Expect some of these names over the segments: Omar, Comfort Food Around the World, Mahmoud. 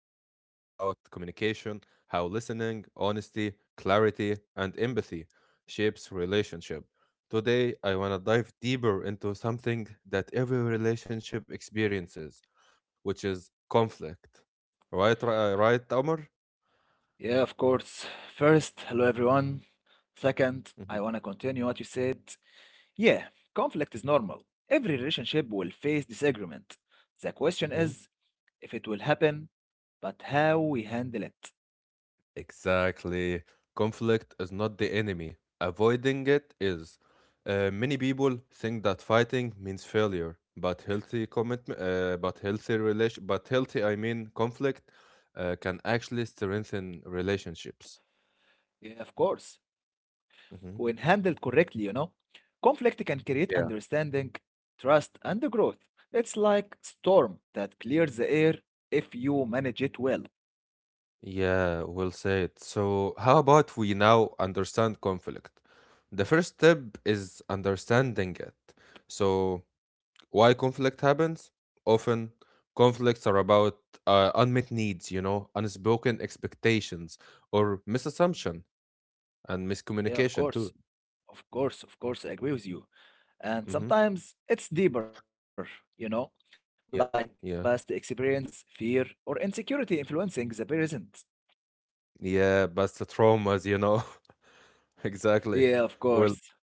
about communication, how listening, honesty, clarity, and empathy shapes relationship. Today, I want to dive deeper into something that every relationship experiences, which is conflict. Right, Omar? Yeah, of course. First, hello everyone. Second, I want to continue what you said. Yeah, conflict is normal. Every relationship will face disagreement. The question is if it will happen, but how we handle it. Exactly. Conflict is not the enemy. Avoiding it is. Many people think that fighting means failure, but healthy commitment, but healthy relation, but healthy, I mean, conflict can actually strengthen relationships. Yeah, of course. Mhm. When handled correctly, conflict can create Yeah. understanding, trust, and growth. It's like storm that clears the air if you manage it well. Yeah, we'll say it. So, how about we now understand conflict? The first step is understanding it. So, why conflict happens? Often, conflicts are about unmet needs, you know, unspoken expectations, or misassumption and Yeah, of miscommunication course. too. Of course, I agree with you. And hmm sometimes it's deeper, you know, like Yeah, yeah, past experiences, fear, or insecurity influencing the present. yeah. But the traumas, you know, exactly. Yeah, of Well, course.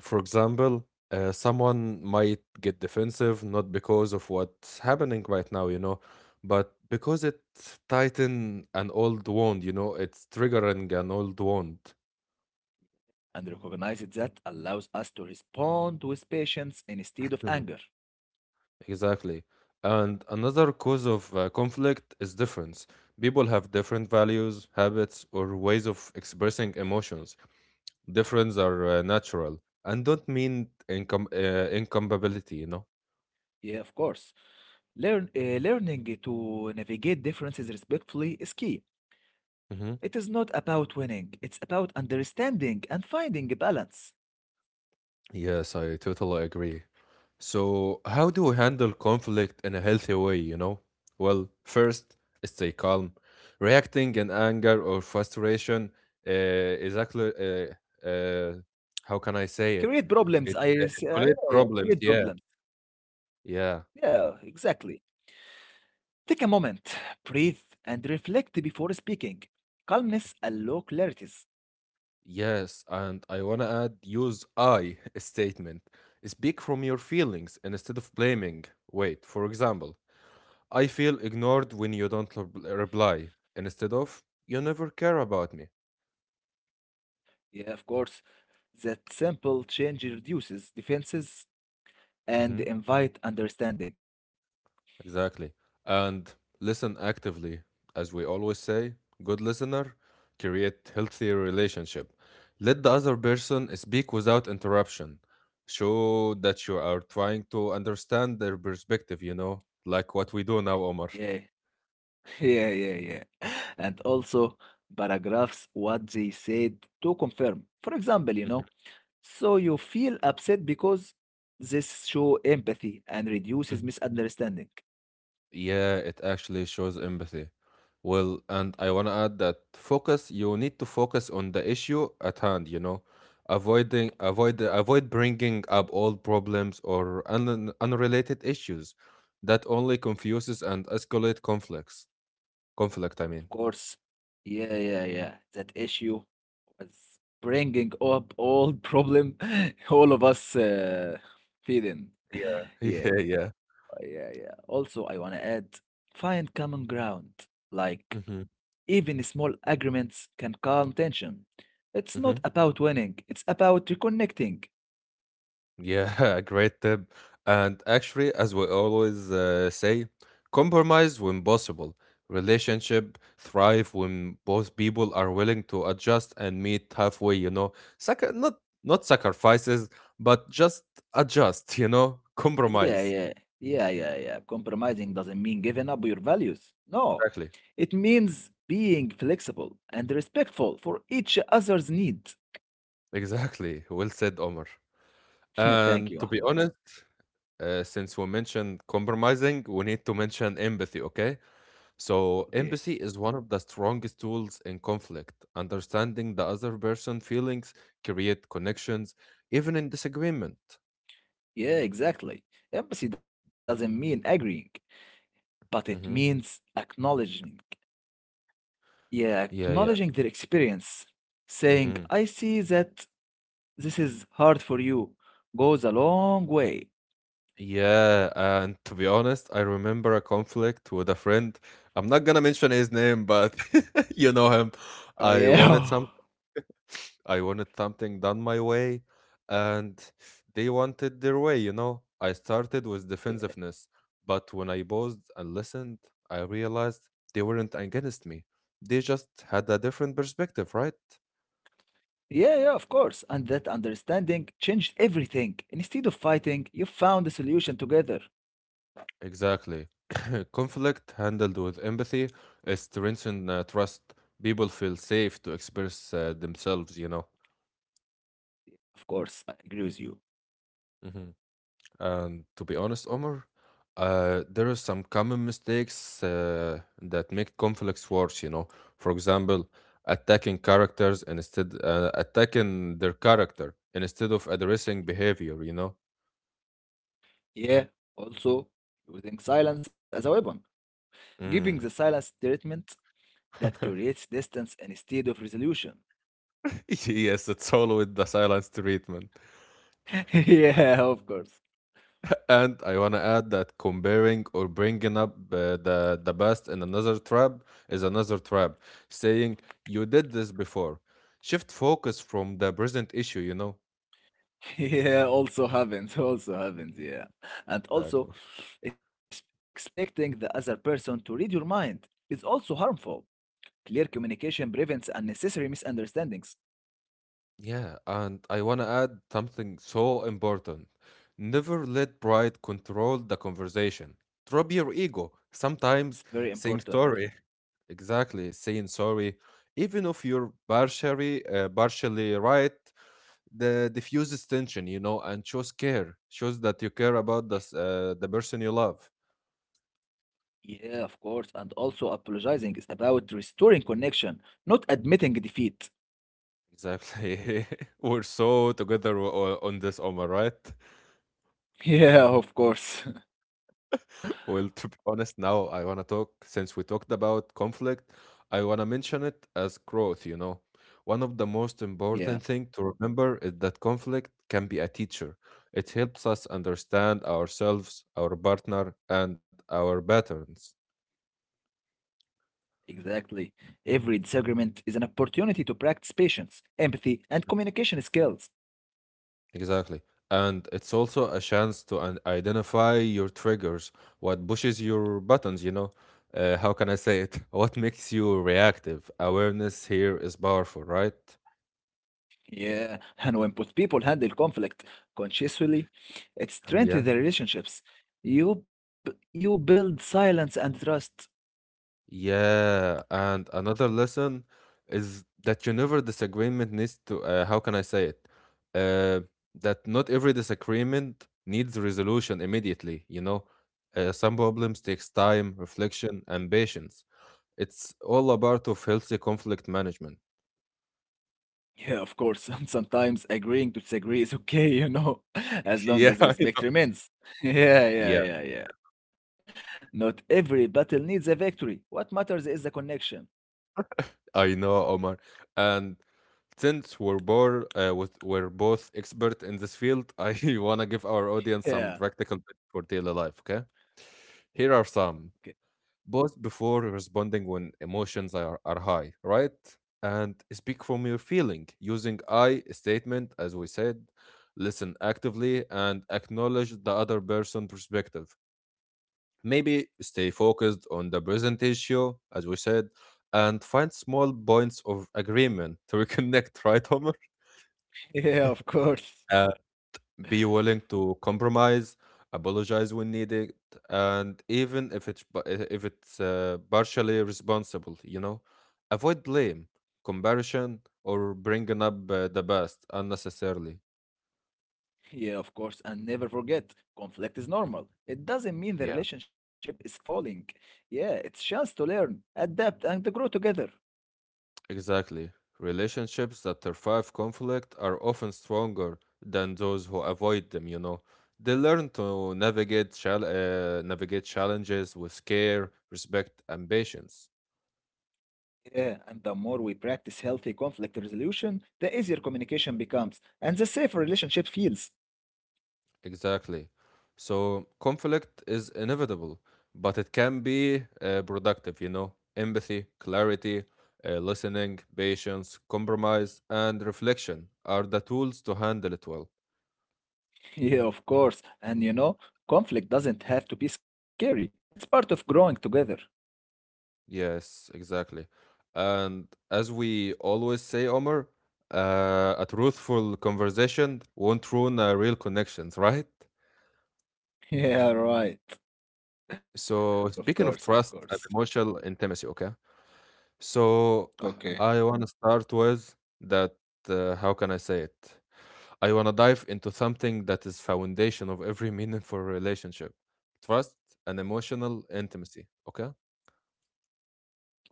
for example, someone might get defensive not because of what's happening right now, you know, but because it tighten an old wound, you know, it's triggering an old wound. And recognize it that allows us to respond with patience instead of anger. Exactly. And another cause of conflict is difference. People have different values, habits, or ways of expressing emotions. Difference are natural and don't mean incompatibility, you know? Yeah, of course. Learning to navigate differences respectfully is key. Hmm. It is not about winning, it's about understanding and finding a balance. Yes, I totally agree. So, how do we handle conflict in a healthy way, you know? Well, first, stay calm. Reacting in anger or frustration is actually, uh, uh, how can I say Create it? problems, It yeah, escalates yeah, create problems, yeah. problems. Yeah, Yeah, exactly. Take a moment, breathe, and reflect before speaking. Calmness and low clarities. yes. And I want to add use I statement. Speak from your feelings and instead of blaming. Wait, for example, I feel ignored when you don't reply, and instead of you never care about me. Yeah, of course, that simple change reduces defenses and Mm-hmm. invite understanding. Exactly. And listen actively. As we always say, good listener, create healthier relationship. Let the other person speak without interruption. Show that you are trying to understand their perspective, you know, like what we do now, Omar. Yeah, Yeah, yeah, yeah. And also paragraphs, what they said to confirm. For example, you know, so you feel upset because this show empathy and reduces misunderstanding. Yeah, it actually shows empathy. Well, and I want to add that focus, you need to focus on the issue at hand, you know, avoid bringing up old problems or un unrelated issues that only confuses and escalate conflicts. Conflict, I Of mean. course. Yeah, yeah, yeah. That issue was bringing up all problem all of us feel in. Yeah, Yeah, yeah. yeah, yeah. Also, I want to add find common ground. Like, Mm-hmm. even small agreements can calm tension. It's not about winning, it's about reconnecting. Yeah, great tip. And actually, as we always say, compromise when possible. Relationship thrive when both people are willing to adjust and meet halfway, you know. Sac- not not sacrifices, but just adjust, you know, Yeah, compromise. yeah, yeah, yeah, yeah. Compromising doesn't mean giving up your values. No, Exactly. it means being flexible and respectful for each other's need. Exactly. Well said, Omar. Yeah, thank And you, to be Mahmoud. honest, since we mentioned compromising, we need to mention empathy, okay? So, Okay. empathy is one of the strongest tools in conflict. Understanding the other person's feelings create connections, even in disagreement. Yeah, exactly. Empathy doesn't mean agreeing, but it Hmm. means acknowledging. Yeah, Yeah, yeah. acknowledging their experience, saying, Hmm. I see that this is hard for you. Goes a long way. Yeah, and to be honest, I remember a conflict with a friend. I'm not gonna mention his name, but you know him. Oh, I wanted yeah. some. I wanted something done my way, and they wanted their way, you know. I started with defensiveness, but when I paused and listened, I realized they weren't against me. They just had a different perspective, right? Yeah, yeah, yeah, of course. And that understanding changed everything. Instead of fighting, you found a solution together. Exactly. Conflict handled with empathy is strengthen trust. People feel safe to express themselves, you know. Of course, I agree with you. And to be honest, Omar, there are some common mistakes that make conflicts worse, you know. For example, attacking their character instead of addressing behavior, you know. Yeah, also using silence as a weapon, giving the Mm. silence treatment that creates distance instead of resolution. Yes, it's always the silence treatment. Yeah, of course. And I want to add that comparing or bringing up the best in another trap is another trap. Saying you did this before, shift focus from the present issue, you know. Yeah, also happens, yeah. And also, Exactly. Expecting the other person to read your mind is also harmful. Clear communication prevents unnecessary misunderstandings. Yeah, and I want to add something so important. Never let pride control the conversation. Drop your ego. It's Sometimes very saying important. sorry, exactly, saying sorry, even if you're partially right, the diffuses tension, you know, and shows that you care about the person you love. Yeah, of course. And also, apologizing is about restoring connection, not admitting defeat. Exactly. We're so together on this, Omar, right? Yeah, of course. Well, to be honest, now I want to talk, since we talked about conflict, I want to mention it as growth, you know. One of the most Yeah, important thing to remember is that conflict can be a teacher. It helps us understand ourselves, our partner, and our patterns. exactly. Every disagreement is an opportunity to practice patience, empathy, and communication skills. Exactly. And it's also a chance to identify your triggers, what pushes your buttons, you know. How can I say it? What makes you reactive? Awareness here is powerful, right? Yeah, and when both people handle conflict consciously, it Yeah. strengthens the relationships. You build silence and trust. Yeah, and another lesson is that you never disagreement needs to how can I say it? Uh, that not every disagreement needs resolution immediately, you know. Some problems takes time, reflection, and patience. It's all a part of healthy conflict management. Yeah, of course. And sometimes agreeing to disagree is okay, as long yeah as respect I- remains. Yeah, yeah, Yeah, yeah, yeah. Not every battle needs a victory. What matters is the connection. I know, Omar. And since we're both expert in this field, I want to give our audience some Yeah. practical tips for daily life, okay? Here are Okay. some. Pause before responding when emotions are high, right? And speak from your feeling using I statement, as we said. Listen actively and acknowledge the other person' perspective. Maybe stay focused on the present issue, as we said, and find small points of agreement to reconnect, right, Homer? Yeah, of course. Be willing to compromise, apologize when needed, and even if it's partially responsible, you know, avoid blame, comparison, or bringing up the past unnecessarily. Yeah, of course. And never forget, conflict is normal. It doesn't mean the Yeah. relationship is falling. Yeah, it's chance to learn, adapt, and to grow together. Exactly. Relationships that survive conflict are often stronger than those who avoid them, you know. They learn to navigate navigate challenges with care, respect, and patience. Yeah, and the more we practice healthy conflict resolution, the easier communication becomes, and the safer relationship feels. Exactly. So conflict is inevitable, but it can be productive, you know? Empathy, clarity, listening, patience, compromise, and reflection are the tools to handle it well. Yeah, of course. And conflict doesn't have to be scary. It's part of growing together. Yes, exactly. And as we always say, Omar, a truthful conversation won't ruin a real connections, right? Yeah, right. Of So course, speaking of of course. trust and emotional intimacy, okay? So Okay. I want to start with that. How can I say it? I want to dive into something that is foundation of every meaningful relationship: trust and emotional intimacy. Okay. Okay.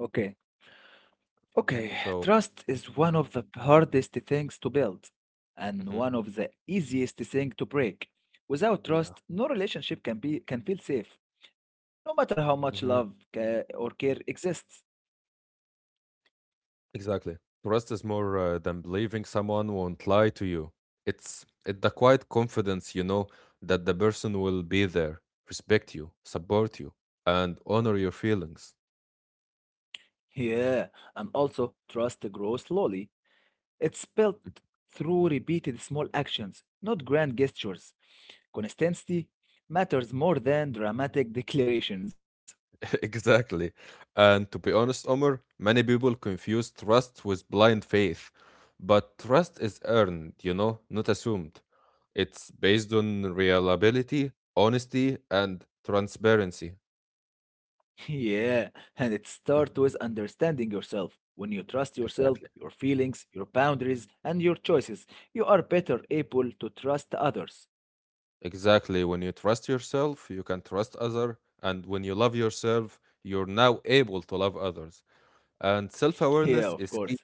Okay, So trust is one of the hardest things to build and one Mhm. of the easiest thing to break. Without Yeah, trust, no relationship can feel safe, no matter how much hmm or care exists. exactly. Trust is more than believing someone won't lie to you. It's the quiet confidence you know that the person will be there, respect you, support you, and honor your feelings. Yeah, and also trust grows slowly. It's built through repeated small actions, not grand gestures. Consistency matters more than dramatic declarations. Exactly. And to be honest, Omar, many people confuse trust with blind faith. But trust is earned, you know, not assumed. It's based on reliability, honesty, and transparency. Yeah, and it starts Mhm. with understanding yourself. When you trust yourself, Exactly. your feelings, your boundaries, and your choices, you are better able to trust others. Exactly. When you trust yourself, you can trust other, and when you love yourself, you're now able to love others. And Yeah, of self-awareness is course. key.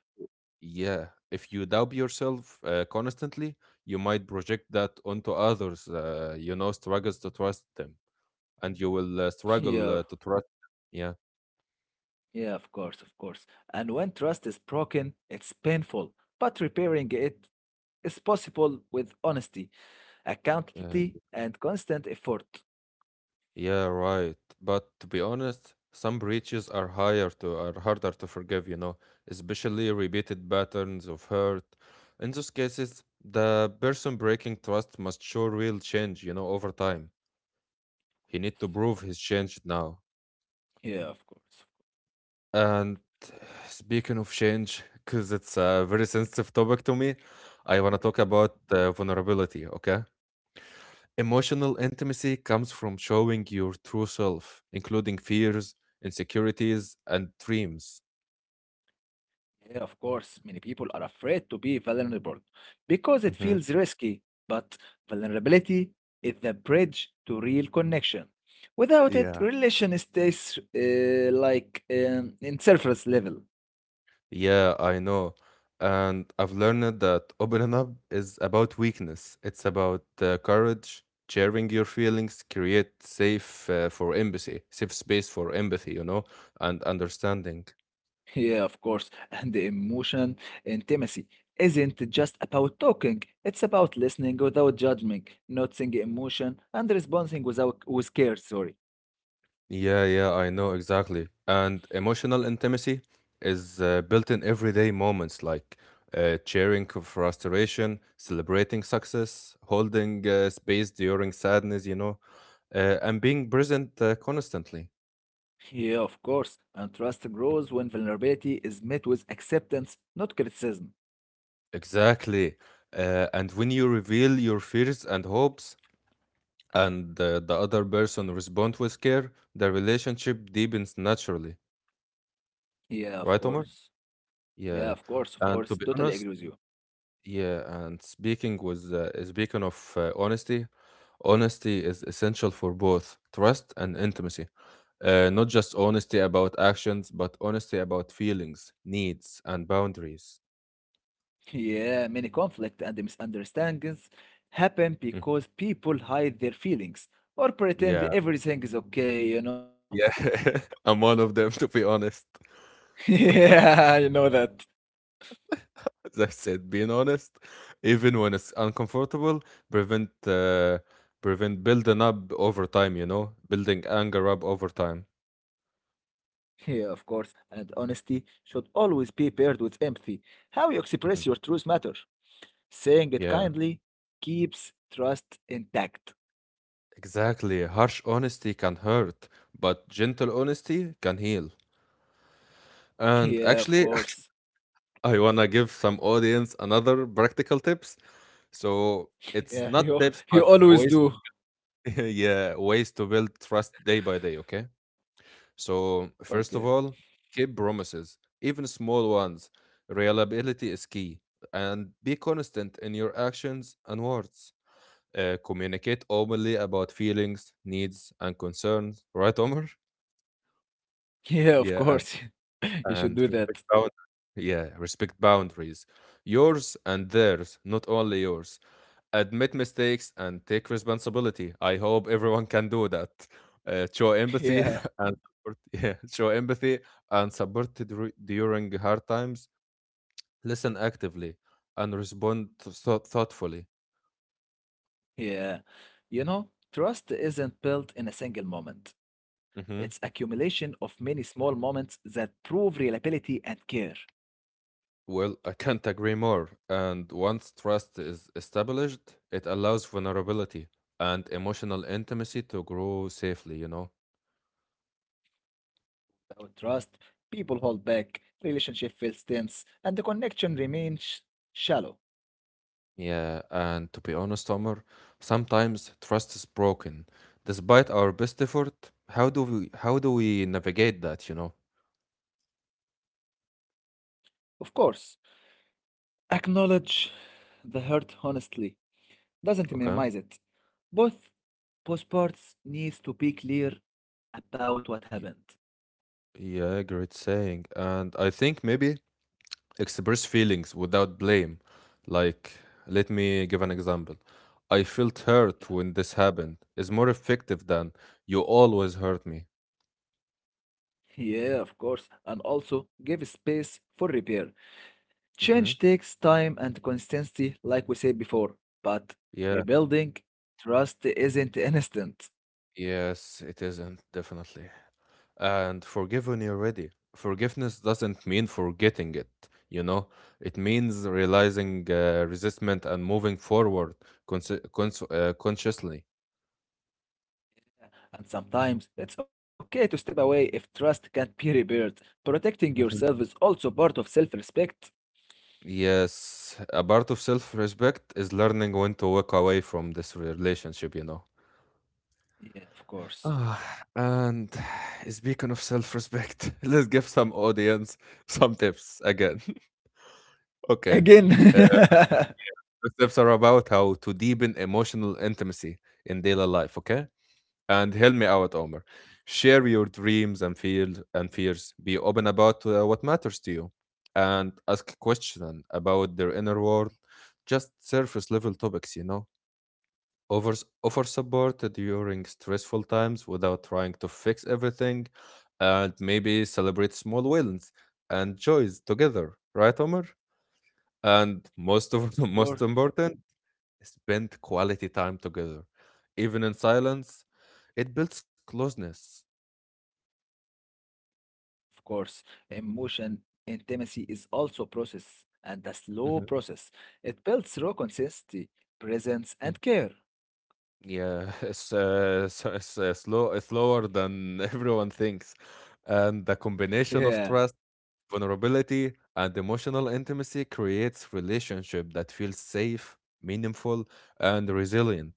Yeah, if you doubt yourself constantly, you might project that onto others. You know, struggles to trust them, and you will uh, struggle Yeah, uh, to trust. Yeah, yeah, of course, of course. And when trust is broken, it's painful, but repairing it is possible with honesty, yeah, uh, y- accountability, and constant effort. yeah, right. But to be honest, some breaches are higher to are harder to forgive. You know, especially repeated patterns of hurt. In those cases, the person breaking trust must show real change. You know, over time, he need to prove his change now. Yeah, of course. And speaking of change, because it's a very sensitive topic to me, I want to Yeah. talk about vulnerability, okay? Emotional intimacy comes from showing your true self, including fears, insecurities, and dreams. Yeah, of course, many people are afraid to be vulnerable because it Hmm. feels risky, but vulnerability is the bridge to real connection. Without it, Yeah. relation stays like in surface level. Yeah, I know. And I've learned that opening up is about weakness. It's about courage, sharing your feelings, create safe space for empathy, you know, and understanding. Yeah, of course, and the Mhm. emotion intimacy isn't just about talking, it's about listening without judging, noticing emotion, and responding without with care, sorry. Yeah, yeah, I know exactly. And emotional intimacy is built in everyday moments like cheering for frustration, celebrating success, holding space during sadness, you know, and being present constantly. Yeah, of course. And trust grows when vulnerability is met with acceptance, not criticism. Exactly. And when you reveal your fears and hopes, and the other person respond with care, the relationship deepens naturally. Yeah, of Right, Omar? course. Yeah, Yeah. of course, of And to course. be Totally honest, agree with you. yeah. And speaking of honesty, honesty is essential for both trust and intimacy. Not just honesty about actions, but honesty about feelings, needs, and boundaries. Yeah, many conflict and misunderstandings happen Mm. because people hide their feelings or pretend Yeah, everything is okay, you know? yeah. I'm one of them, to be honest. Yeah, you know that. As I said, being honest, even when it's uncomfortable, prevent uh, prevent building up over time. You know, building anger up over time. Yeah, of course. And honesty should always be paired with empathy. How you express Mhm. your truth matters. Saying it Yeah, kindly keeps trust intact. exactly. Harsh honesty can hurt, but gentle honesty can heal. Yeah, And of actually, course. I wanna give some audience another practical tips. So it's Yeah, not you tips, you but always ways, do. yeah, ways to build trust day by day. Okay. So, Okay. first of all, keep promises, even small ones. Reliability is key. And be consistent in your actions and words. Communicate openly about feelings, needs, and concerns. Right, Omar? Yeah, of Yeah, course. You should and do respect that. boundaries. Yeah, respect boundaries. Yours and theirs, not only yours. Admit mistakes and take responsibility. I hope everyone can do that. Show empathy Yeah. and support, yeah, show empathy and support during hard times. Listen actively and respond thoughtfully. Yeah. You know, trust isn't built in a single moment. Hmm. It's accumulation of many small moments that prove reliability and care. Well, I can't agree more. And once trust is established, it allows vulnerability and emotional intimacy to grow safely. Without trust, people hold back, relationship feels tense, and the connection remains shallow. Yeah, and to be honest, Omar, sometimes trust is broken. Despite our best effort, how do we navigate that? Of course. Acknowledge the hurt honestly. Doesn't Okay. minimize it. Both both parts needs to be clear about what happened. Y- Yeah, great saying. And I think maybe express feelings without blame. Like, let me give an example. I felt hurt when this happened is more effective than you always hurt me. Yeah, of course, and also give space for repair. Change Mm-hmm. takes time and consistency, like we said before, but Yeah, rebuilding trust isn't instant. yes, it isn't, definitely. And forgiven already. Forgiveness doesn't mean forgetting it, you know. It means realizing resentment and moving forward consciously. And sometimes it's okay to step away if trust can't be repaired. Protecting yourself is Mhm. also part of self respect. Yes, a part of self-respect is learning when to walk away from this relationship. Yeah, of course. Ah, and speaking of self-respect, let's give some audience some tips again. Again, Okay. Uh, the tips are about how to deepen emotional intimacy in daily life, okay? And help me out, Omar. Share your dreams and feel and fears. Be open about what matters to you, and ask questions about their inner world. Just surface level topics. Offer offer support during stressful times without trying to fix everything, and maybe celebrate small wins and joys together, right, Omar? And most of of course. most important, spend quality time together, even in silence. It builds closeness. Of course, emotion intimacy is also a process and a slow Mhm, process. It builds raw consistency, presence, mm. and care. Yeah, it's so it's slow, it's slower than everyone thinks, and the Yeah, combination of trust, vulnerability, and emotional intimacy creates relationship that feels safe, meaningful, and resilient.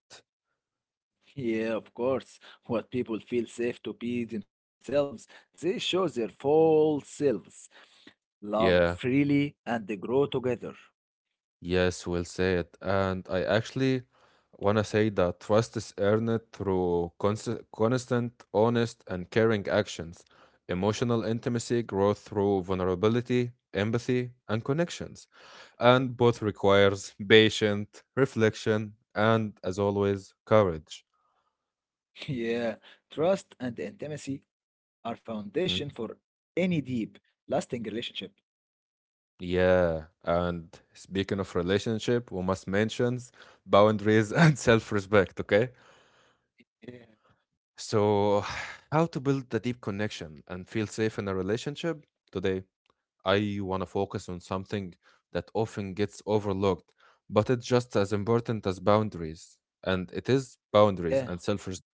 yeah, of course. What people feel safe to be themselves, they show their full selves, love Yeah. freely, and they grow together. Yes, we'll say it. And I actually want to say that trust is earned through constant, honest, and caring actions. Emotional intimacy grows through vulnerability, empathy, and connections. And both requires patient reflection and, as always, courage. Yeah, trust and intimacy are Mhm. foundation for any deep, lasting relationship. Yeah. And speaking of relationship, we must mention boundaries and self-respect, okay? Yeah, So, how to build a deep connection and feel safe in a relationship? Today, I want to focus on something that often gets overlooked, but it's just as important as boundaries. And it is boundaries and yeah. self respect.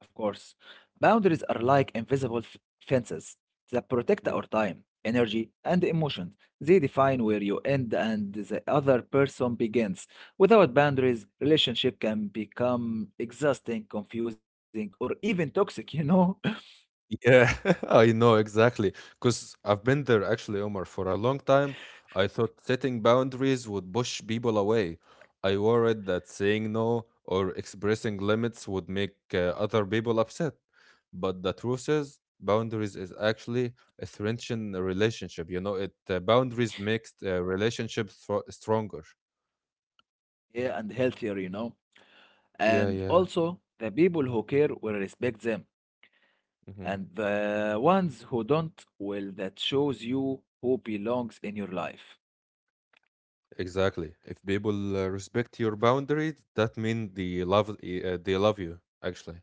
Of course, boundaries are like invisible fences that protect Hmm. our time, energy, and emotions. They define where you end and the other person begins. Without boundaries, relationship can become exhausting, confusing, or even toxic, you know? Yeah, I know exactly. Because I've been there actually, Omar, for a long time. I thought setting boundaries would push people away. I worried that saying no or expressing limits would make other people upset. But the truth is, boundaries is actually a strengthen a relationship. You know, it boundaries makes relationships stronger. Yeah, and healthier, you know? Yeah, And yeah. also, the people who care will respect them, and the ones who don't will that shows you who belongs in your life. Exactly. If people respect your boundaries, that means they love they love you actually.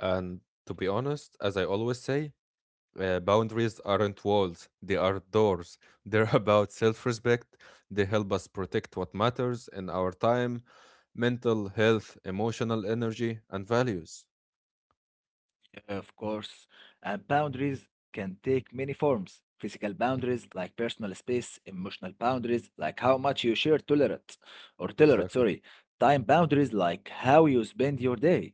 And to be honest, as I always say, boundaries aren't walls; they are doors. They're about self-respect. They help us protect what matters in our time, mental health, emotional energy, and values. Of course, and boundaries can take many forms. Physical boundaries, like personal space, emotional boundaries, like how much you share tolerate, or tolerate, Exactly. sorry, time boundaries, like how you spend your day.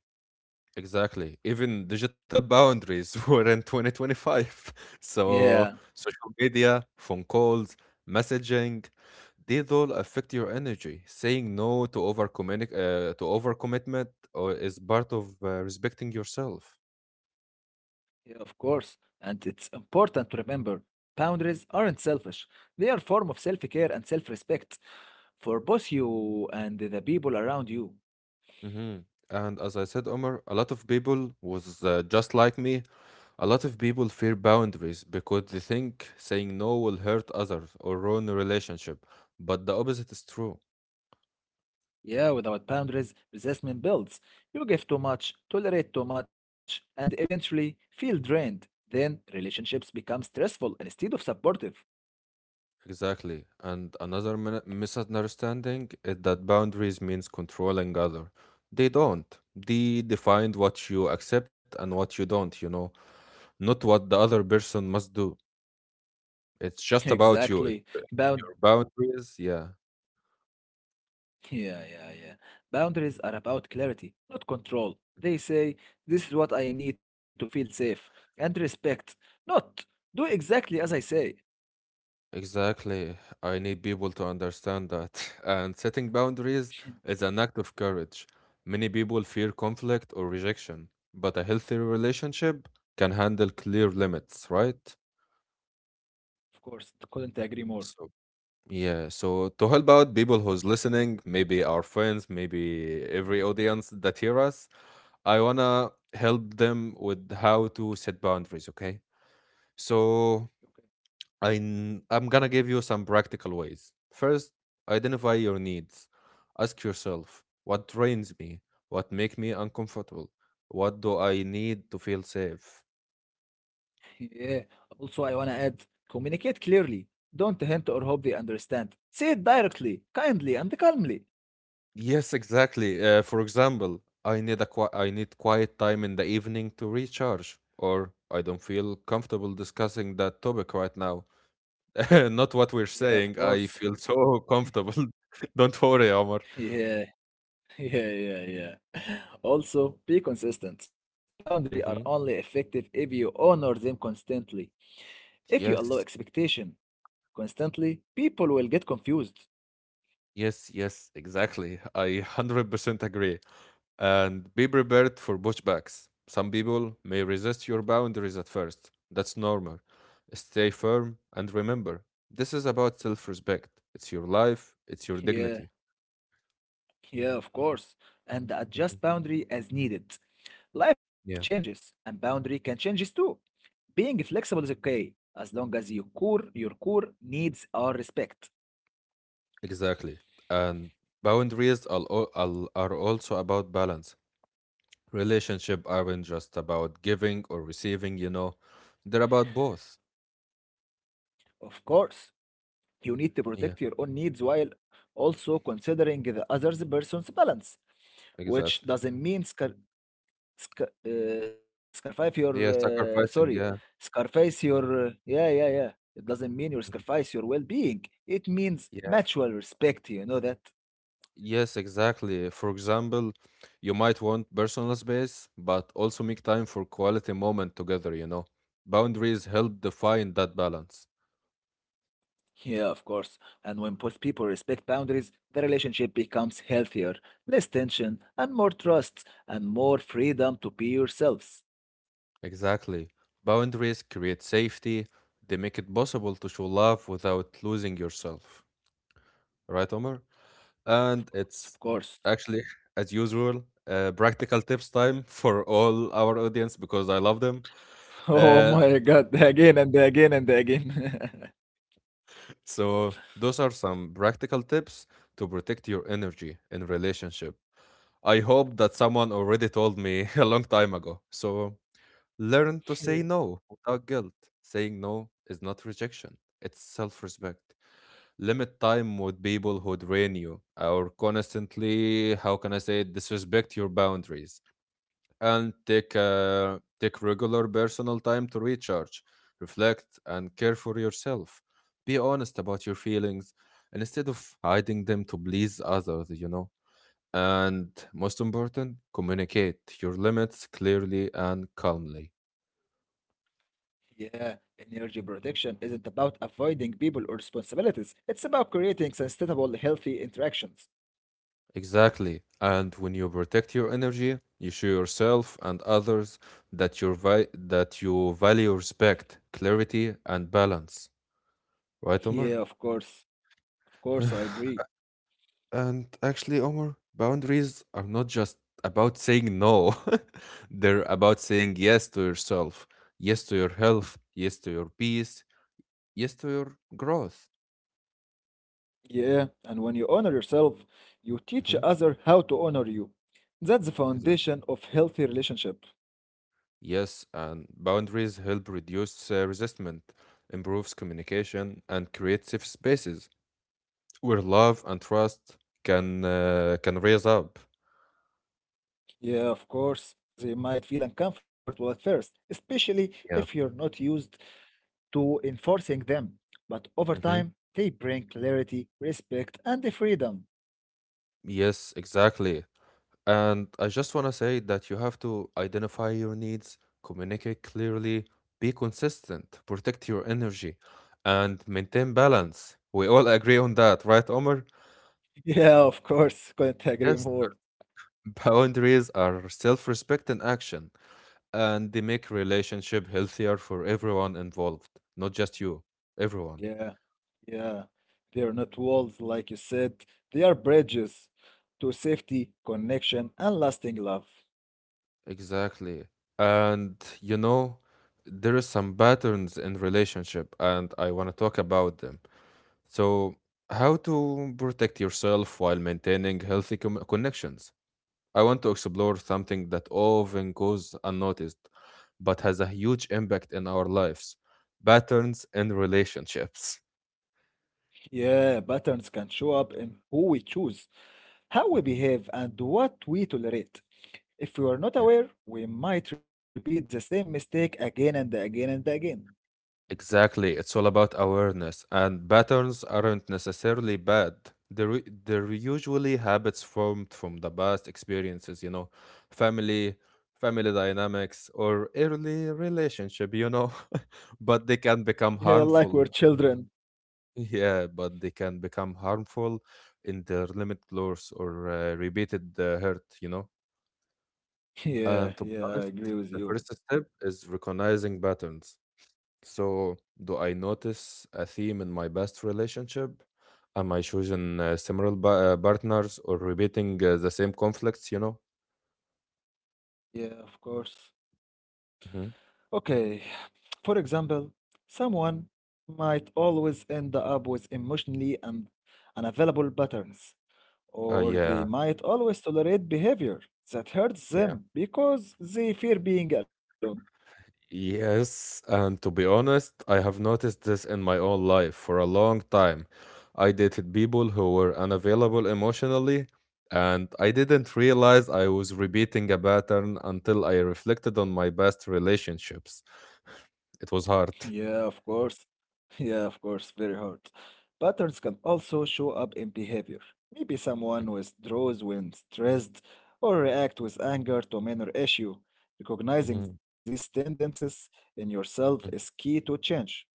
Exactly. Even digital boundaries were in 2025. So Yeah, social media, phone calls, messaging. These all affect your energy. Saying no to over to overcommitment or is part of respecting yourself. yeah, of course. And it's important to remember boundaries aren't selfish, they are a form of self care and self respect for both you and the people around you. Hmm. And as I said, Omar, a lot of people was just like me. A lot of people fear boundaries because they think saying no will hurt others or ruin a relationship. But the opposite is true. Yeah, without boundaries, resentment builds. You give too much, tolerate too much, and eventually feel drained. Then relationships become stressful instead of supportive. Exactly. And another misunderstanding is that boundaries means controlling other. They don't. They define what you accept and what you don't, you know, not what the other person must do. It's just about Exactly. you. It's Bound your boundaries. Yeah. yeah, yeah, yeah. Boundaries are about clarity, not control. They say, this is what I need to feel safe and respect, not do exactly as I say. Exactly. I need people to understand that. And setting boundaries is an act of courage. Many people fear conflict or rejection, but a healthy relationship can handle clear limits, right? Of course, couldn't agree more. So yeah, so to help out people who's listening, maybe our friends, maybe every audience that hear us, I wanna help them with how to set boundaries, okay? So I'm gonna give you some practical ways. First, identify your needs. Ask yourself, what drains me? What make me uncomfortable? What do I need to feel safe? Yeah. Also, I want to add communicate clearly. Don't hint or hope they understand. Say it directly, kindly, and calmly. Yes, exactly. For example, I need a I need quiet time in the evening to recharge, or I don't feel comfortable discussing that topic right now. Not what we're Yeah, of saying. course. I feel so comfortable. Don't worry, Omar. Yeah, yeah, yeah, yeah. Also, be consistent. Boundaries are Hmm. only effective if you honor them constantly. If you Yes, allow expectation constantly, people will get confused. yes, yes, exactly. I 100% agree. And be prepared for pushbacks. Some people may resist your boundaries at first. That's normal. Stay firm and remember, this is about self respect. It's your life, it's your Yeah, dignity. yeah, of course. And Mhm. adjust boundary as needed. Life Yeah, changes, and boundary can change too. Being flexible is okay as long as your core needs are respected. exactly. And boundaries are, are also about balance. Relationship aren't just about giving or receiving, you know, they're about both. Of course, you need to protect Yeah, your own needs while also considering the other person's balance, exactly. which doesn't mean scarface your Yeah, sacrificing. sorry Yeah. scarface your yeah yeah yeah. It doesn't mean you Mhm. sacrifice your well-being. It means mutual respect. You know that. Yes, exactly. For example, you might want personal space, but also make time for quality moment together. Boundaries help define that balance. Yeah, of course. And when both people respect boundaries, the relationship becomes healthier, less tension, and more trust, and more freedom to be yourselves. Exactly. Boundaries create safety. They make it possible to show love without losing yourself. Right, Omar? And it's Of course. actually, as usual, practical tips time for all our audience because I love them. Oh Uh, my God, again and again and again. So, those are some practical tips to protect your energy in relationship. I hope that someone already told me a long time ago. So, learn to Yeah. say no without guilt. Saying no is not rejection, it's self-respect. Limit time with people who drain you or constantly, how can I say, it, disrespect your boundaries and take regular personal time to recharge, reflect, and care for yourself. Be honest about your feelings instead of hiding them to please others. And most important, communicate your limits clearly and calmly. Yeah, energy protection isn't about avoiding people or responsibilities. It's about creating sustainable, healthy interactions. Exactly. And when you protect your energy, you show yourself and others that that you value respect, clarity, and balance. Right, Omar? Yeah, of course. Of course, I agree. And actually, Omar, boundaries are not just about saying no, they're about saying yes to yourself, yes to your health, yes to your peace, yes to your growth. Yeah, and when you honor yourself, you teach Hmm. others how to honor you. That's the Exactly. foundation of healthy relationship. Yes, and boundaries help reduce resentment, improves communication, and create safe spaces where love and trust can raise up. Yeah, of course, they might feel uncomfortable at first, especially if Yeah. you're not used to enforcing them. But over Hmm. time, they bring clarity, respect, and the freedom. Yes, exactly. And I just want to say that you have to identify your needs, communicate clearly, be consistent, protect your energy, and maintain balance. We all agree on that, right, Omar? Yeah, of course, couldn't agree Yes. more. Boundaries are self respect in action, and they make relationship healthier for everyone involved, not just you, everyone. Yeah, yeah. They are not walls, like you said, they are bridges to safety, connection, and lasting love. Exactly. And you know, there is some patterns in relationship and I want to talk about them. So, how to protect yourself while maintaining healthy connections? I want to explore something that often goes unnoticed but has a huge impact in our lives, patterns in relationships. Yeah, patterns can show up in who we choose, how we Mhm. behave, and what we tolerate. If we are not aware, we might repeat the same mistake again and again and again. Exactly. It's all about awareness, and patterns aren't necessarily bad. They're, they're usually habits formed from the past experiences, you know, family, family dynamics, or early relationship, you know, but they can Yeah, become like we're harmful. children. Yeah, but they can become harmful in their limit loss or repeated hurt, you know. Yeah, And to be yeah, I honest, agree with the you. first step is recognizing patterns so, do I notice a theme in my past relationship? Am I choosing similar partners or repeating the same conflicts, you know? Yeah, of course. Hmm. Okay, for example, someone might always end up with emotionally unavailable patterns, or they Yeah, might always tolerate behavior that hurts yeah. them because they fear being alone. Yes, and to be honest, I have noticed this in my own life for a long time. I dated people who were unavailable emotionally, and I didn't realize I was repeating a pattern until I reflected on my past relationships. It was hard. Yeah, of course. Yeah, of course, very hard. Patterns can also show up in behavior. Maybe someone withdraws when stressed or react with anger to a minor issue. Recognizing Mhm, these tendencies in yourself mhm. is key to change.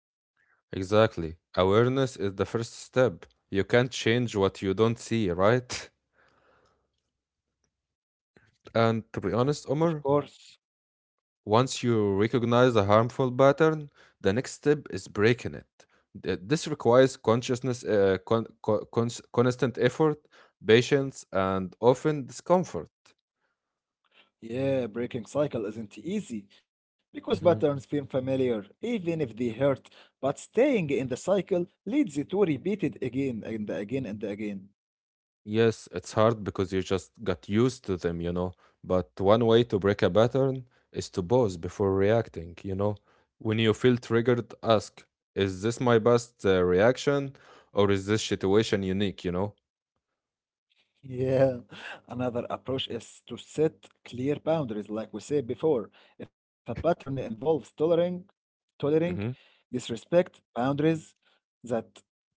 Exactly. Awareness is the first step. You can't change what you don't see, right? And to be honest, Omar, Of course. once you recognize a harmful pattern, the next step is breaking it. This requires consciousness, constant effort, patience, and often discomfort. Yeah, breaking cycle isn't easy because Mhm. patterns feel familiar, even if they hurt, but staying in the cycle leads you to repeat it again and again and again. Yes, it's hard because you just got used to them, you know. But one way to break a pattern is to pause before reacting, you know. When you feel triggered, ask, is this my best reaction or is this situation unique, you know? Yeah, another approach is to set clear boundaries, like we said before. If a pattern involves tolerating Hmm. disrespect, boundaries that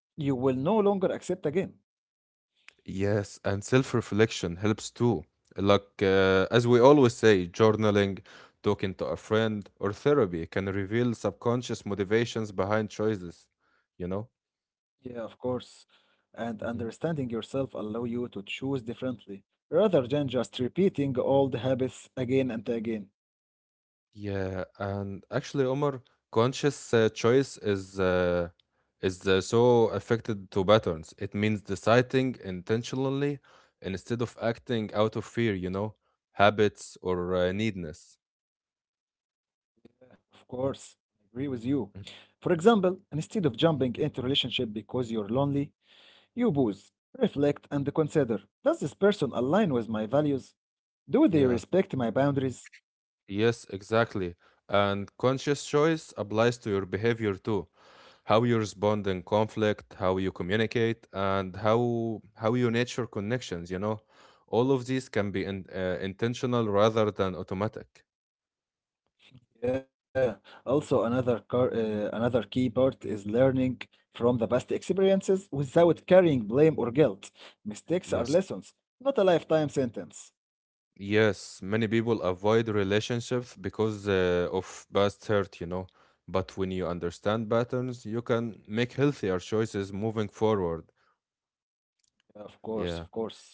you will no longer accept again. Yes, and self reflection helps too. Like, as we always say, journaling, talking to a friend, or therapy can reveal subconscious motivations behind choices, you know? Yeah, of course. And Mm-hmm. understanding yourself allow you to choose differently, rather than just repeating old habits again and again. Yeah, and actually, Omar, conscious choice is so affected to patterns. It means deciding intentionally instead of acting out of fear, you know, habits or needness. Of course, I agree with you. Mm. For example, instead of jumping into relationship because you're lonely, you pause, reflect, and consider, does this person align with my values? Do they Yeah. respect my boundaries? Yes, exactly. And conscious choice applies to your behavior too. How you respond in conflict, how you communicate, and how you nature connections, you know. All of these can be in, intentional rather than automatic. Yeah. Also, another key part is learning from the past experiences without carrying blame or guilt. Mistakes are Yes. lessons, not a lifetime sentence. Yes, many people avoid relationships because of past hurt, you know. But when you understand patterns, you can make healthier choices moving forward. Yeah, of course, of Yeah. course.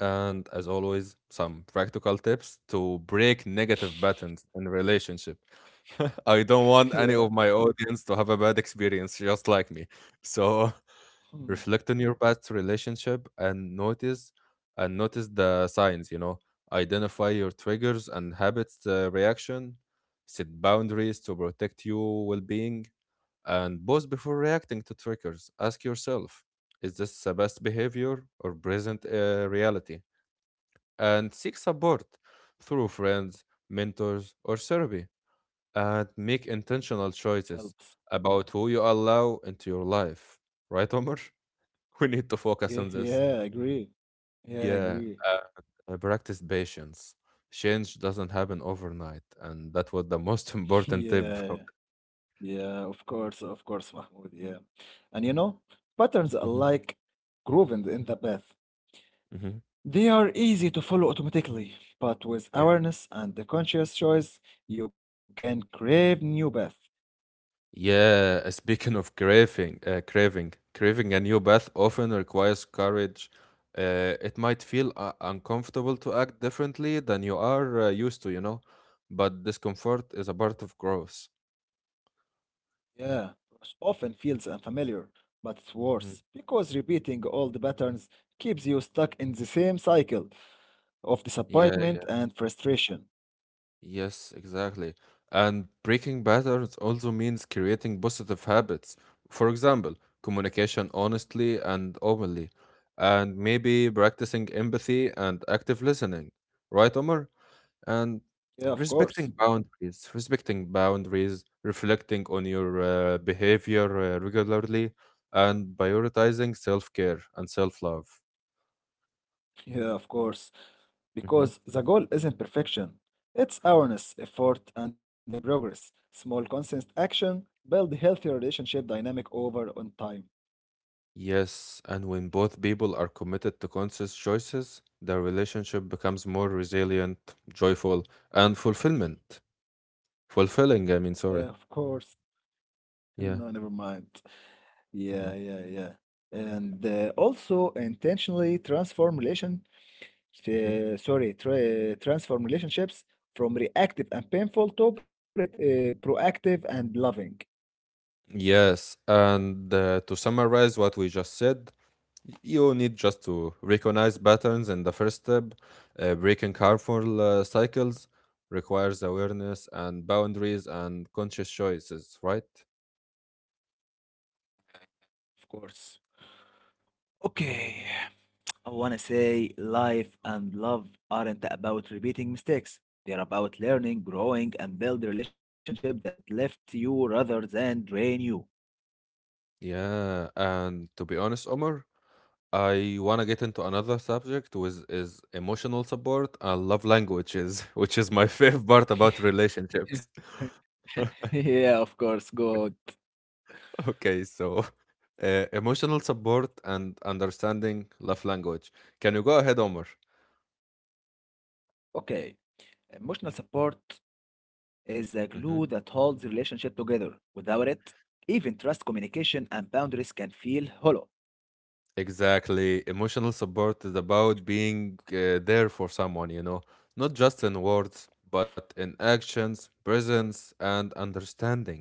And as always, some practical tips to break negative patterns in relationship. I don't want any Yeah. of my audience to have a bad experience just like me. So Hmm. reflect on your past relationship and notice the signs, you know. Identify your triggers and habits reaction, set boundaries to protect your well-being, and pause before reacting to triggers. Ask yourself, is this a best behavior or present reality? And seek support through friends, mentors, or therapy, and make intentional Helps. choices about who you allow into your life. Right, Omar? We need to Okay. focus on this. Yeah, I agree. Yeah, I Yeah, agree. Practice patience. Change doesn't happen overnight, and that was the most important Yeah. tip. Yeah, of course, Mahmoud. Yeah. And you know, patterns are Mhm, like grooving in the path. mhm. They are easy to follow automatically, but with awareness and the conscious choice, you can crave new path. Yeah, speaking of craving, craving a new bath often requires courage. It might feel uncomfortable to act differently than you are used to, you know, but discomfort is a part of growth. Yeah, which often feels unfamiliar, but it's worse Mhm. because repeating old patterns keeps you stuck in the same cycle of Yeah, disappointment yeah, and frustration. yes, exactly. And breaking patterns also means creating positive habits. For example, communication honestly and openly, and maybe practicing empathy and active listening. Right, Omar? And Yeah, of course. respecting boundaries, reflecting on your behavior regularly, and prioritizing self-care and self-love. Yeah, of course. Mhm. Because the goal isn't perfection. It's awareness, effort, and the progress. Small, consistent action build healthy relationship dynamic over on time. Yes, and when both people are committed to conscious choices, their relationship becomes more resilient, joyful, and fulfillment, fulfilling I Yeah, mean, of sorry. course. No, never Yeah. mind. Yeah, Mhm. yeah, yeah. And also intentionally transform Mhm. Transform relationships from reactive and painful to proactive and loving. Yes, and to summarize what we just said, you need just to recognize patterns in the first step. Breaking harmful cycles requires awareness and boundaries and conscious choices, right? Of course. Okay. I want to say life and love aren't about repeating mistakes. They're about Mhm. learning, growing, and build relationship that lift you rather than drain you. Yeah, and to be honest, Omar, I want to get into another subject, which is emotional support and love languages, which is my favorite part about relationships. Yeah, of course, good. Okay, so emotional support and understanding love language. Can you go ahead, Omar? Okay, emotional support is the glue that holds relationship together. Without it, even trust, communication, and boundaries can feel hollow. Exactly. Emotional support is about being there for someone, you know, not just in words, but in actions, presence, and understanding.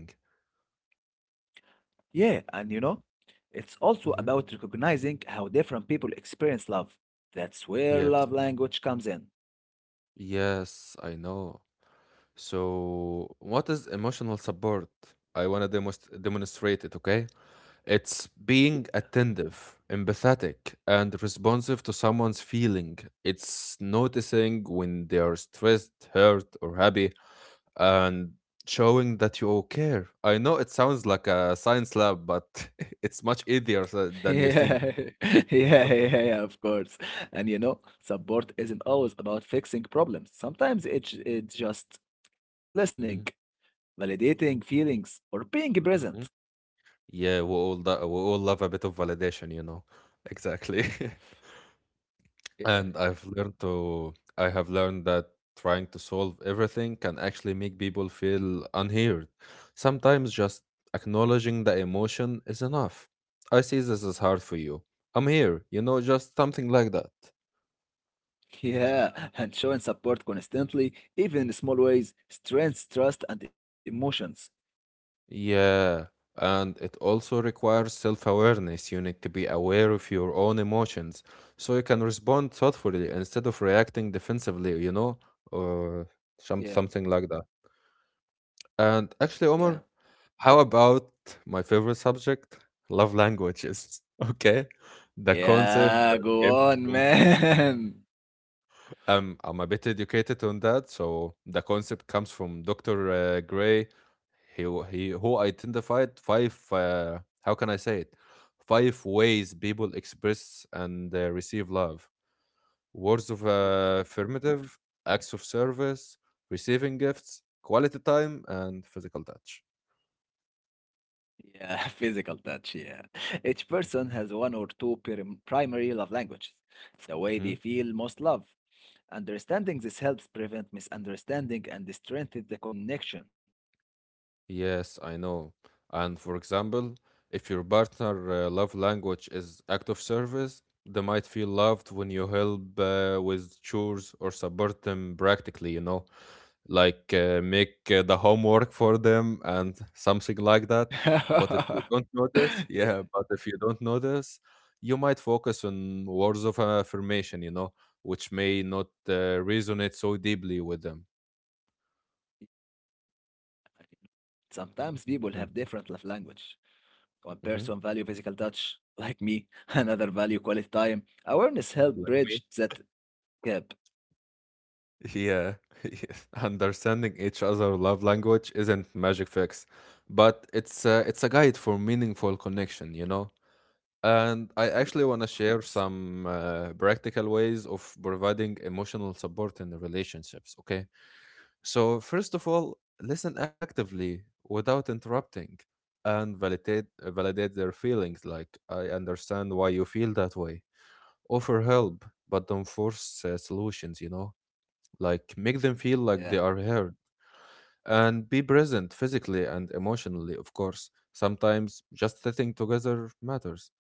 Yeah, and you know, it's also Hmm. about recognizing how different people experience love. That's where Yes. love language comes in. Yes, I know. So, what is emotional support? I want to demonstrate it, okay? It's being attentive, empathetic, and responsive to someone's feeling. It's noticing when they are stressed, hurt, or happy and showing that you care. I know it sounds like a science lab, but it's much easier than you Yeah, think. yeah, yeah, yeah, of course. And you know, support isn't always about fixing problems. Sometimes it's just listening, Hmm. validating feelings, or being present. Hmm. Yeah, we we all love a bit of validation, you know. Exactly. Yeah. And I have learned that trying to solve everything can actually make people feel unheard. Sometimes just acknowledging the emotion is enough. I see this is hard for you. I'm here, you know, just something like that. Yeah, and showing support constantly, even in small ways, strengths trust and emotions. Yeah, and it also requires self-awareness. You need to be aware of your own emotions so you can respond thoughtfully instead of reacting defensively, you know, or some, Yeah, something like that. And yeah. actually, Omar, how about my favorite subject, love languages? Okay, the concept Yeah, that go on, came man. I'm a bit educated on that, so the concept comes from Doctor Gray. He who identified five. How can I say it? Five ways people express and receive love: words of Yeah, of course. Affirmative, acts of service, receiving gifts, quality time, and physical touch. Yeah, physical touch, yeah. Each person has one or two primary love languages, the way they Mm-hmm. feel most love. Understanding this helps prevent misunderstanding and strengthen the connection. Yes, I know. And for example, if your partner love language is act of service, they might feel loved when you help with chores or support them practically, you know, like make the homework for them and something like that. But if you don't notice, Yeah. yeah, but if you don't notice, you might focus on words of affirmation, you know, which may not resonate so deeply with them. Sometimes people have Hmm. different love language. One person Hmm. value physical touch, like me, another value quality time. Awareness help Like me? bridge that gap. Yeah, yes. Understanding each other love language isn't magic fix, but it's a guide for meaningful connection, you know. And I Yes. actually want to share some practical ways of providing emotional support in the relationships. Okay, so first of all, listen actively without interrupting, and validate their feelings. Like, I understand why you feel that way. Offer help, but don't force solutions. You know, like make them feel like Yeah. they are heard, and be present physically and emotionally. Of course, sometimes just sitting together matters.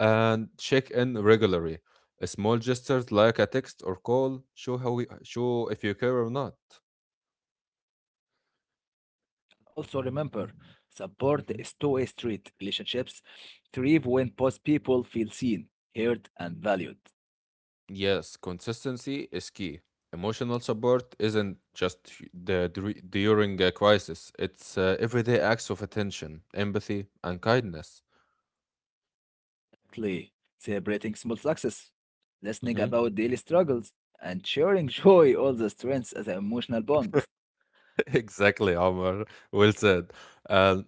And check in regularly. Small gestures like a text or call show how we show if you care or not, Also remember, right? support is Mhm. two-way street. Relationships thrive when both people feel seen, heard, and valued. Yes, consistency is key. Emotional support isn't just during a crisis, it's everyday acts of attention, empathy, and kindness. Lastly, celebrating small success, listening Mhm. about daily struggles, and sharing joy all the strengths as an emotional bond. Exactly, Omar. Well said. Uh,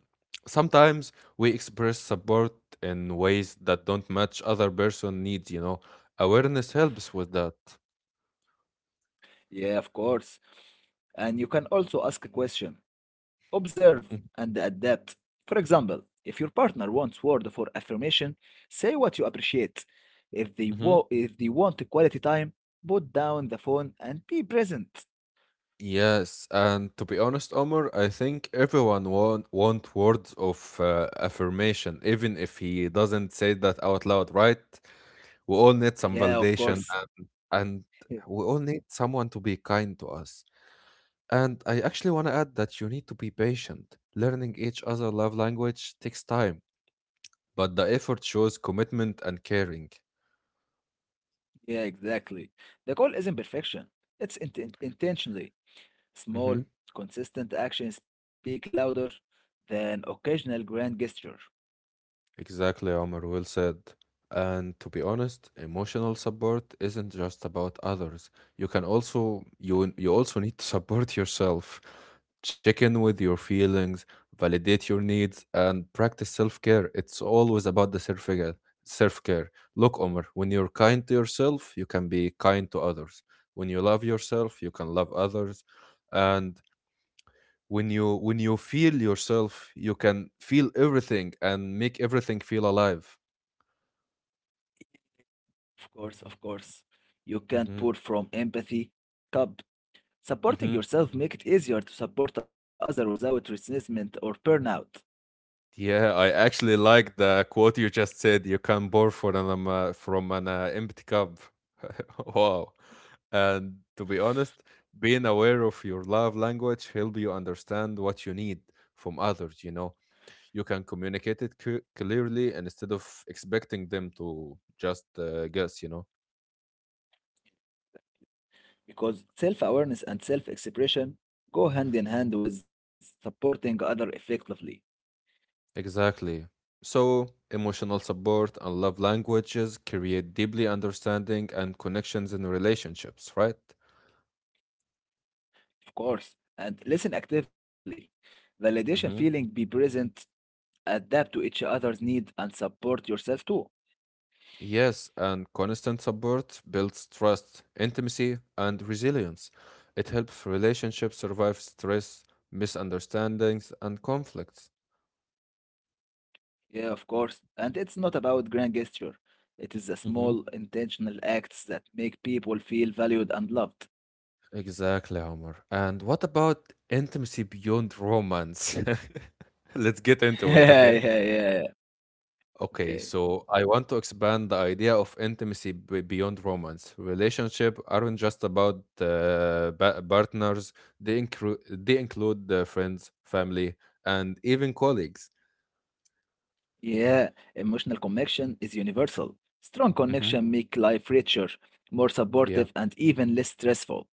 Sometimes we express support in ways that don't match other person needs, you know. Awareness helps with that. Yeah, of course. And you can also ask a question, observe and adapt. For example, if your partner wants word for affirmation, say what you appreciate. Hmm. If they want quality time, put down the phone and be present. Yes, and to be honest, Omar, I think everyone want words of affirmation, even if he doesn't say that out loud, right? We all need some Yeah, of validation, course. and Yeah, we all need someone to be kind to us. And I actually want to add that you need to be patient. Learning each other love language takes time, but the effort shows commitment and caring. yeah, exactly. The goal isn't perfection. It's intentionally small, Mhm. consistent actions speak louder than occasional grand gesture. Exactly, Omar, well said. And to be honest, emotional support isn't just about others. You also need to support yourself. Check in with your feelings, validate your needs, and practice self-care. It's always about the self-care. Self-care. Look, Omar, when you're kind to yourself, you can be kind to others. When you love yourself, you can love others. And when you feel yourself, you can feel everything and make everything feel alive. Of course, of course. You can't Hmm. pour from empathy cup. Supporting Hmm. yourself make it easier to support others without resentment or burnout. Yeah, I actually like the quote you just said: you can pour from an empty cup. Wow. And to be honest, being aware of your love language help you understand what you need from others, you know. You can communicate it clearly, and instead of expecting them to just guess, you know. Because self-awareness and self-expression go hand in hand with supporting other effectively. Exactly. So, emotional support and love languages create deeply understanding and connections in relationships, right? Of course. And listen actively. Validation feeling Hmm. be present, adapt to each other's need and support yourself too. Yes, and constant support builds trust, intimacy, and resilience. It helps relationships survive stress, misunderstandings, and conflicts. Yeah, of course. And it's not about grand gesture. It is the Hmm. small, intentional acts that make people feel valued and loved. Exactly, Omar. And what about intimacy beyond romance? Let's get into Yeah, it, yeah, okay? yeah. Okay. Okay, so I want to expand the idea of intimacy beyond romance. Relationship aren't just about partners; they include friends, family, and even colleagues. Yeah, emotional connection is universal. Strong Hmm. connection make life richer, more Yeah, supportive, and even less stressful.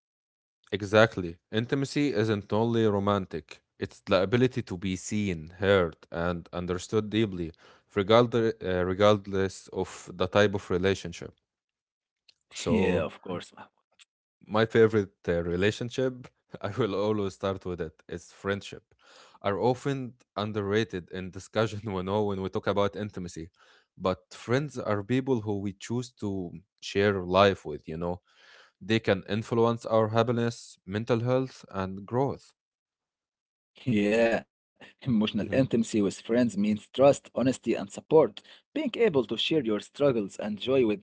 exactly. Intimacy isn't only romantic, it's the ability to be seen, heard, and understood deeply, regardless of the type of relationship. Yeah, So, of course, Mahmoud. my favorite relationship, I will always start with it, is friendship, are often underrated in discussion, you know, when we talk about intimacy. But friends are people who we choose to share life with, you know. They can influence our happiness, mental health, and growth. Yeah, emotional Mhm. intimacy with friends means trust, honesty, and support. Being able to share your struggles and joy with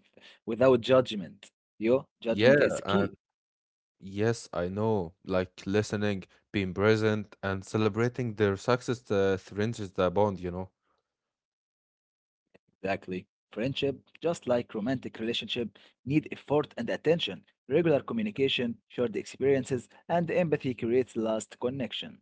without judgment. Yo, Yeah, judgment is the key. and yes, I know, like listening, being present, and celebrating their success strengthens the bond, you know. Exactly. Friendship, just like romantic relationship, need effort and attention. Regular communication, shared experiences, and empathy creates last connection.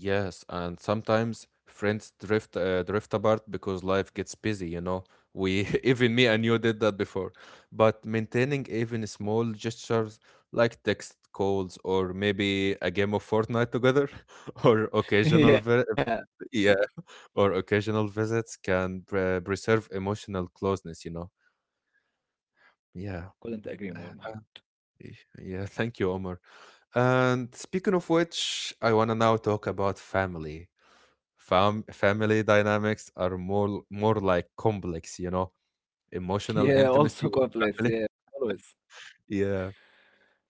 Yes, and sometimes friends drift apart because life gets busy, you know. We even me and you did that before. But maintaining even small gestures like text calls or maybe a game of Fortnite together or Yeah, yeah, or occasional visits can preserve emotional closeness, you know. Yeah. couldn't agree more, Mahmoud. Yeah, thank you, Omar. And speaking of which, I want to now talk about family. Family dynamics are more like complex, you know, Yeah, emotional also intimacy with complex. family. Yeah, always. Yeah.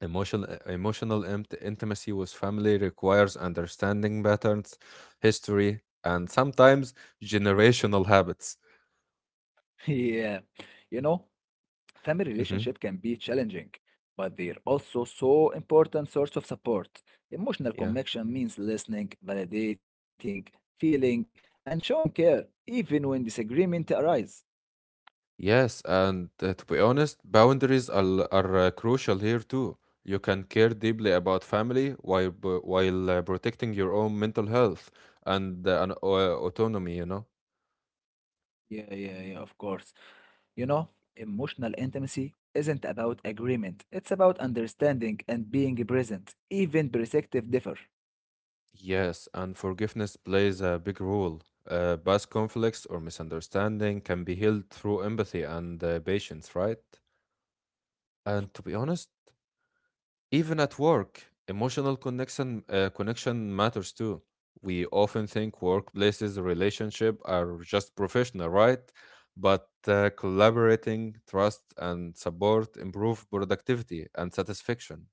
Emotional intimacy with family requires understanding patterns, history, and sometimes generational habits. Yeah, you know, family Hmm. relationship can be challenging, but they're also so important source of support. Emotional Yeah. connection means listening, validating, feeling, and showing care, even when disagreement arise. Yes, and to be honest, boundaries are crucial here too. You can care deeply about family while protecting your own mental health and autonomy, you know. Yeah, yeah, yeah, of course. You know, emotional intimacy isn't about agreement. It's about understanding and being present, even perspective differ. Yes, and forgiveness plays a big role. Past conflicts or misunderstanding can be healed through empathy and patience, right? And to be honest, even at work, emotional connection matters too. We often think workplaces relationship are just professional, right? But collaborating, trust, and support improve productivity and satisfaction.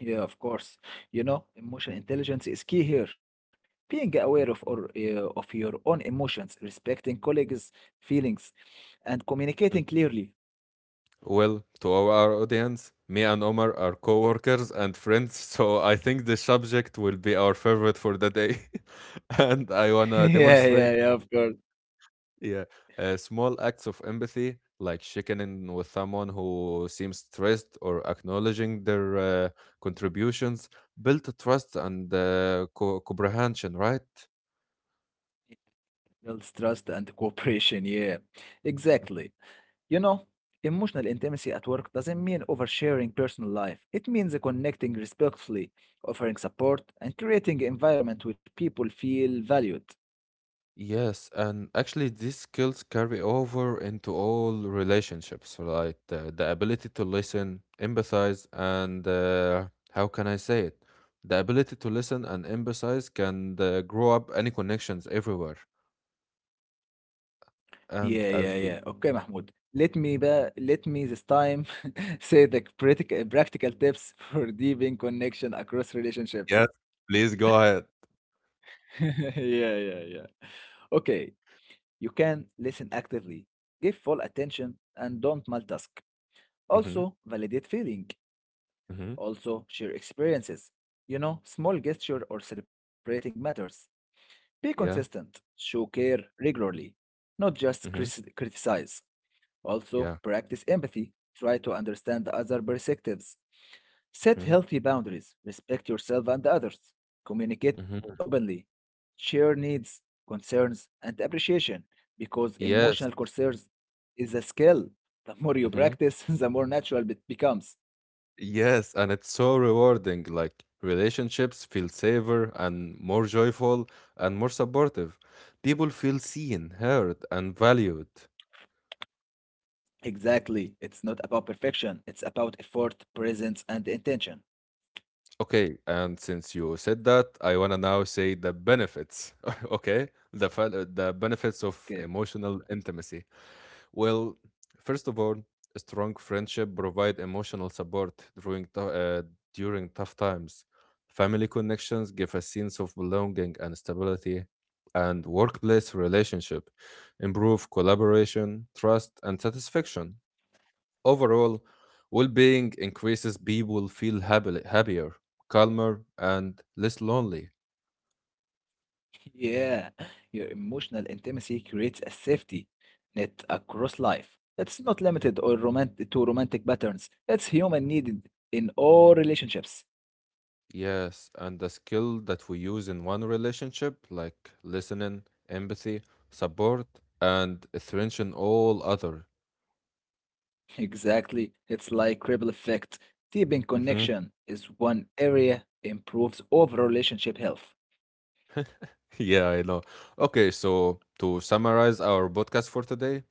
Yeah, of course. You know, emotional intelligence is key here. Being aware of or of your own emotions, respecting colleagues' feelings, and Mm. communicating clearly. Well, to our audience, me and Omar are co-workers and friends, so I think the subject will be our favorite for the day. And I wanna Yeah, demonstrate, yeah, yeah, of course. yeah, small acts of empathy, like checking in with someone who seems stressed or acknowledging their contributions, build trust and comprehension, right? Builds trust and cooperation. Yeah, exactly. You know, emotional intimacy at work doesn't mean oversharing personal life. It means connecting respectfully, offering support, and creating an environment where people feel valued. Yes, and actually, these skills carry over into all relationships, right? The ability to listen, empathize, and how can I say it? The ability to listen and empathize can grow up any connections everywhere. Yeah, And yeah, as yeah. we, Okay, Mahmoud. Y- Let me this time say the practical tips for deepening connection across relationships. Yes, please go ahead. Yeah, yeah, yeah. Okay, you can listen actively, give full attention, and don't multitask. Mhm. Also, validate feeling. Mhm. Also, share experiences. You know, small gesture or celebrating matters. Be Yeah. consistent. Show care regularly, not just Mhm. Criticize. Also, Yeah. practice empathy. Try to understand other perspectives. Set Mhm. healthy boundaries. Respect yourself and others. Communicate Mhm. openly. Share needs, concerns, and appreciation because emotional Yes. concerns is a skill. The more you practice, the more natural it becomes. Yes, and it's so rewarding. Like, relationships feel safer and more joyful and more supportive. People feel seen, heard, and valued. Exactly. It's not about perfection. It's about effort, presence, and intention. Okay, and since you said that, I wanna now say the benefits. Okay, the benefits Okay. of emotional intimacy. Well, first of all, a strong friendship provide emotional support during tou- uh, during tough times. Family connections give a sense of belonging and stability, and workplace relationship improve collaboration, trust, and satisfaction. Overall, well-being increases. People feel happier, calmer, and less lonely. Yeah. Your emotional intimacy creates a safety net across life. It's not limited or romantic to romantic patterns. It's human needed in all relationships. Yes, and the skill that we use in one relationship, like listening, empathy, support, and attention, all other. Exactly. It's like ripple effect. Deepening Mhm. connection is one area improves overall relationship health. Yeah, I know. Okay, so to summarize our podcast for today,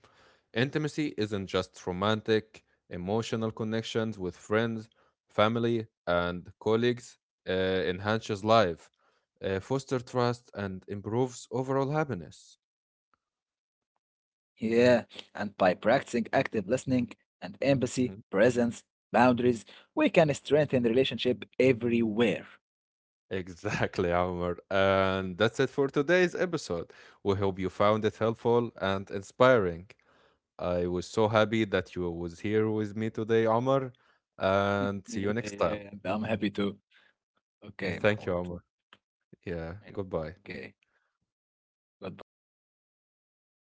intimacy isn't just romantic, emotional connections with friends, family, and colleagues, enhances life, foster trust, and improves overall happiness. Yeah, and by practicing active listening and empathy, presence, boundaries, we can strengthen the relationship everywhere. Exactly, Omar. And that's it for today's episode. We hope you found it helpful and inspiring. I was so happy that you was here with me today, Omar. Yeah, And see you next yeah, time. yeah, and I'm happy too. Okay, Thank Mahmoud. you, Omar. Yeah, Okay, goodbye. goodbye.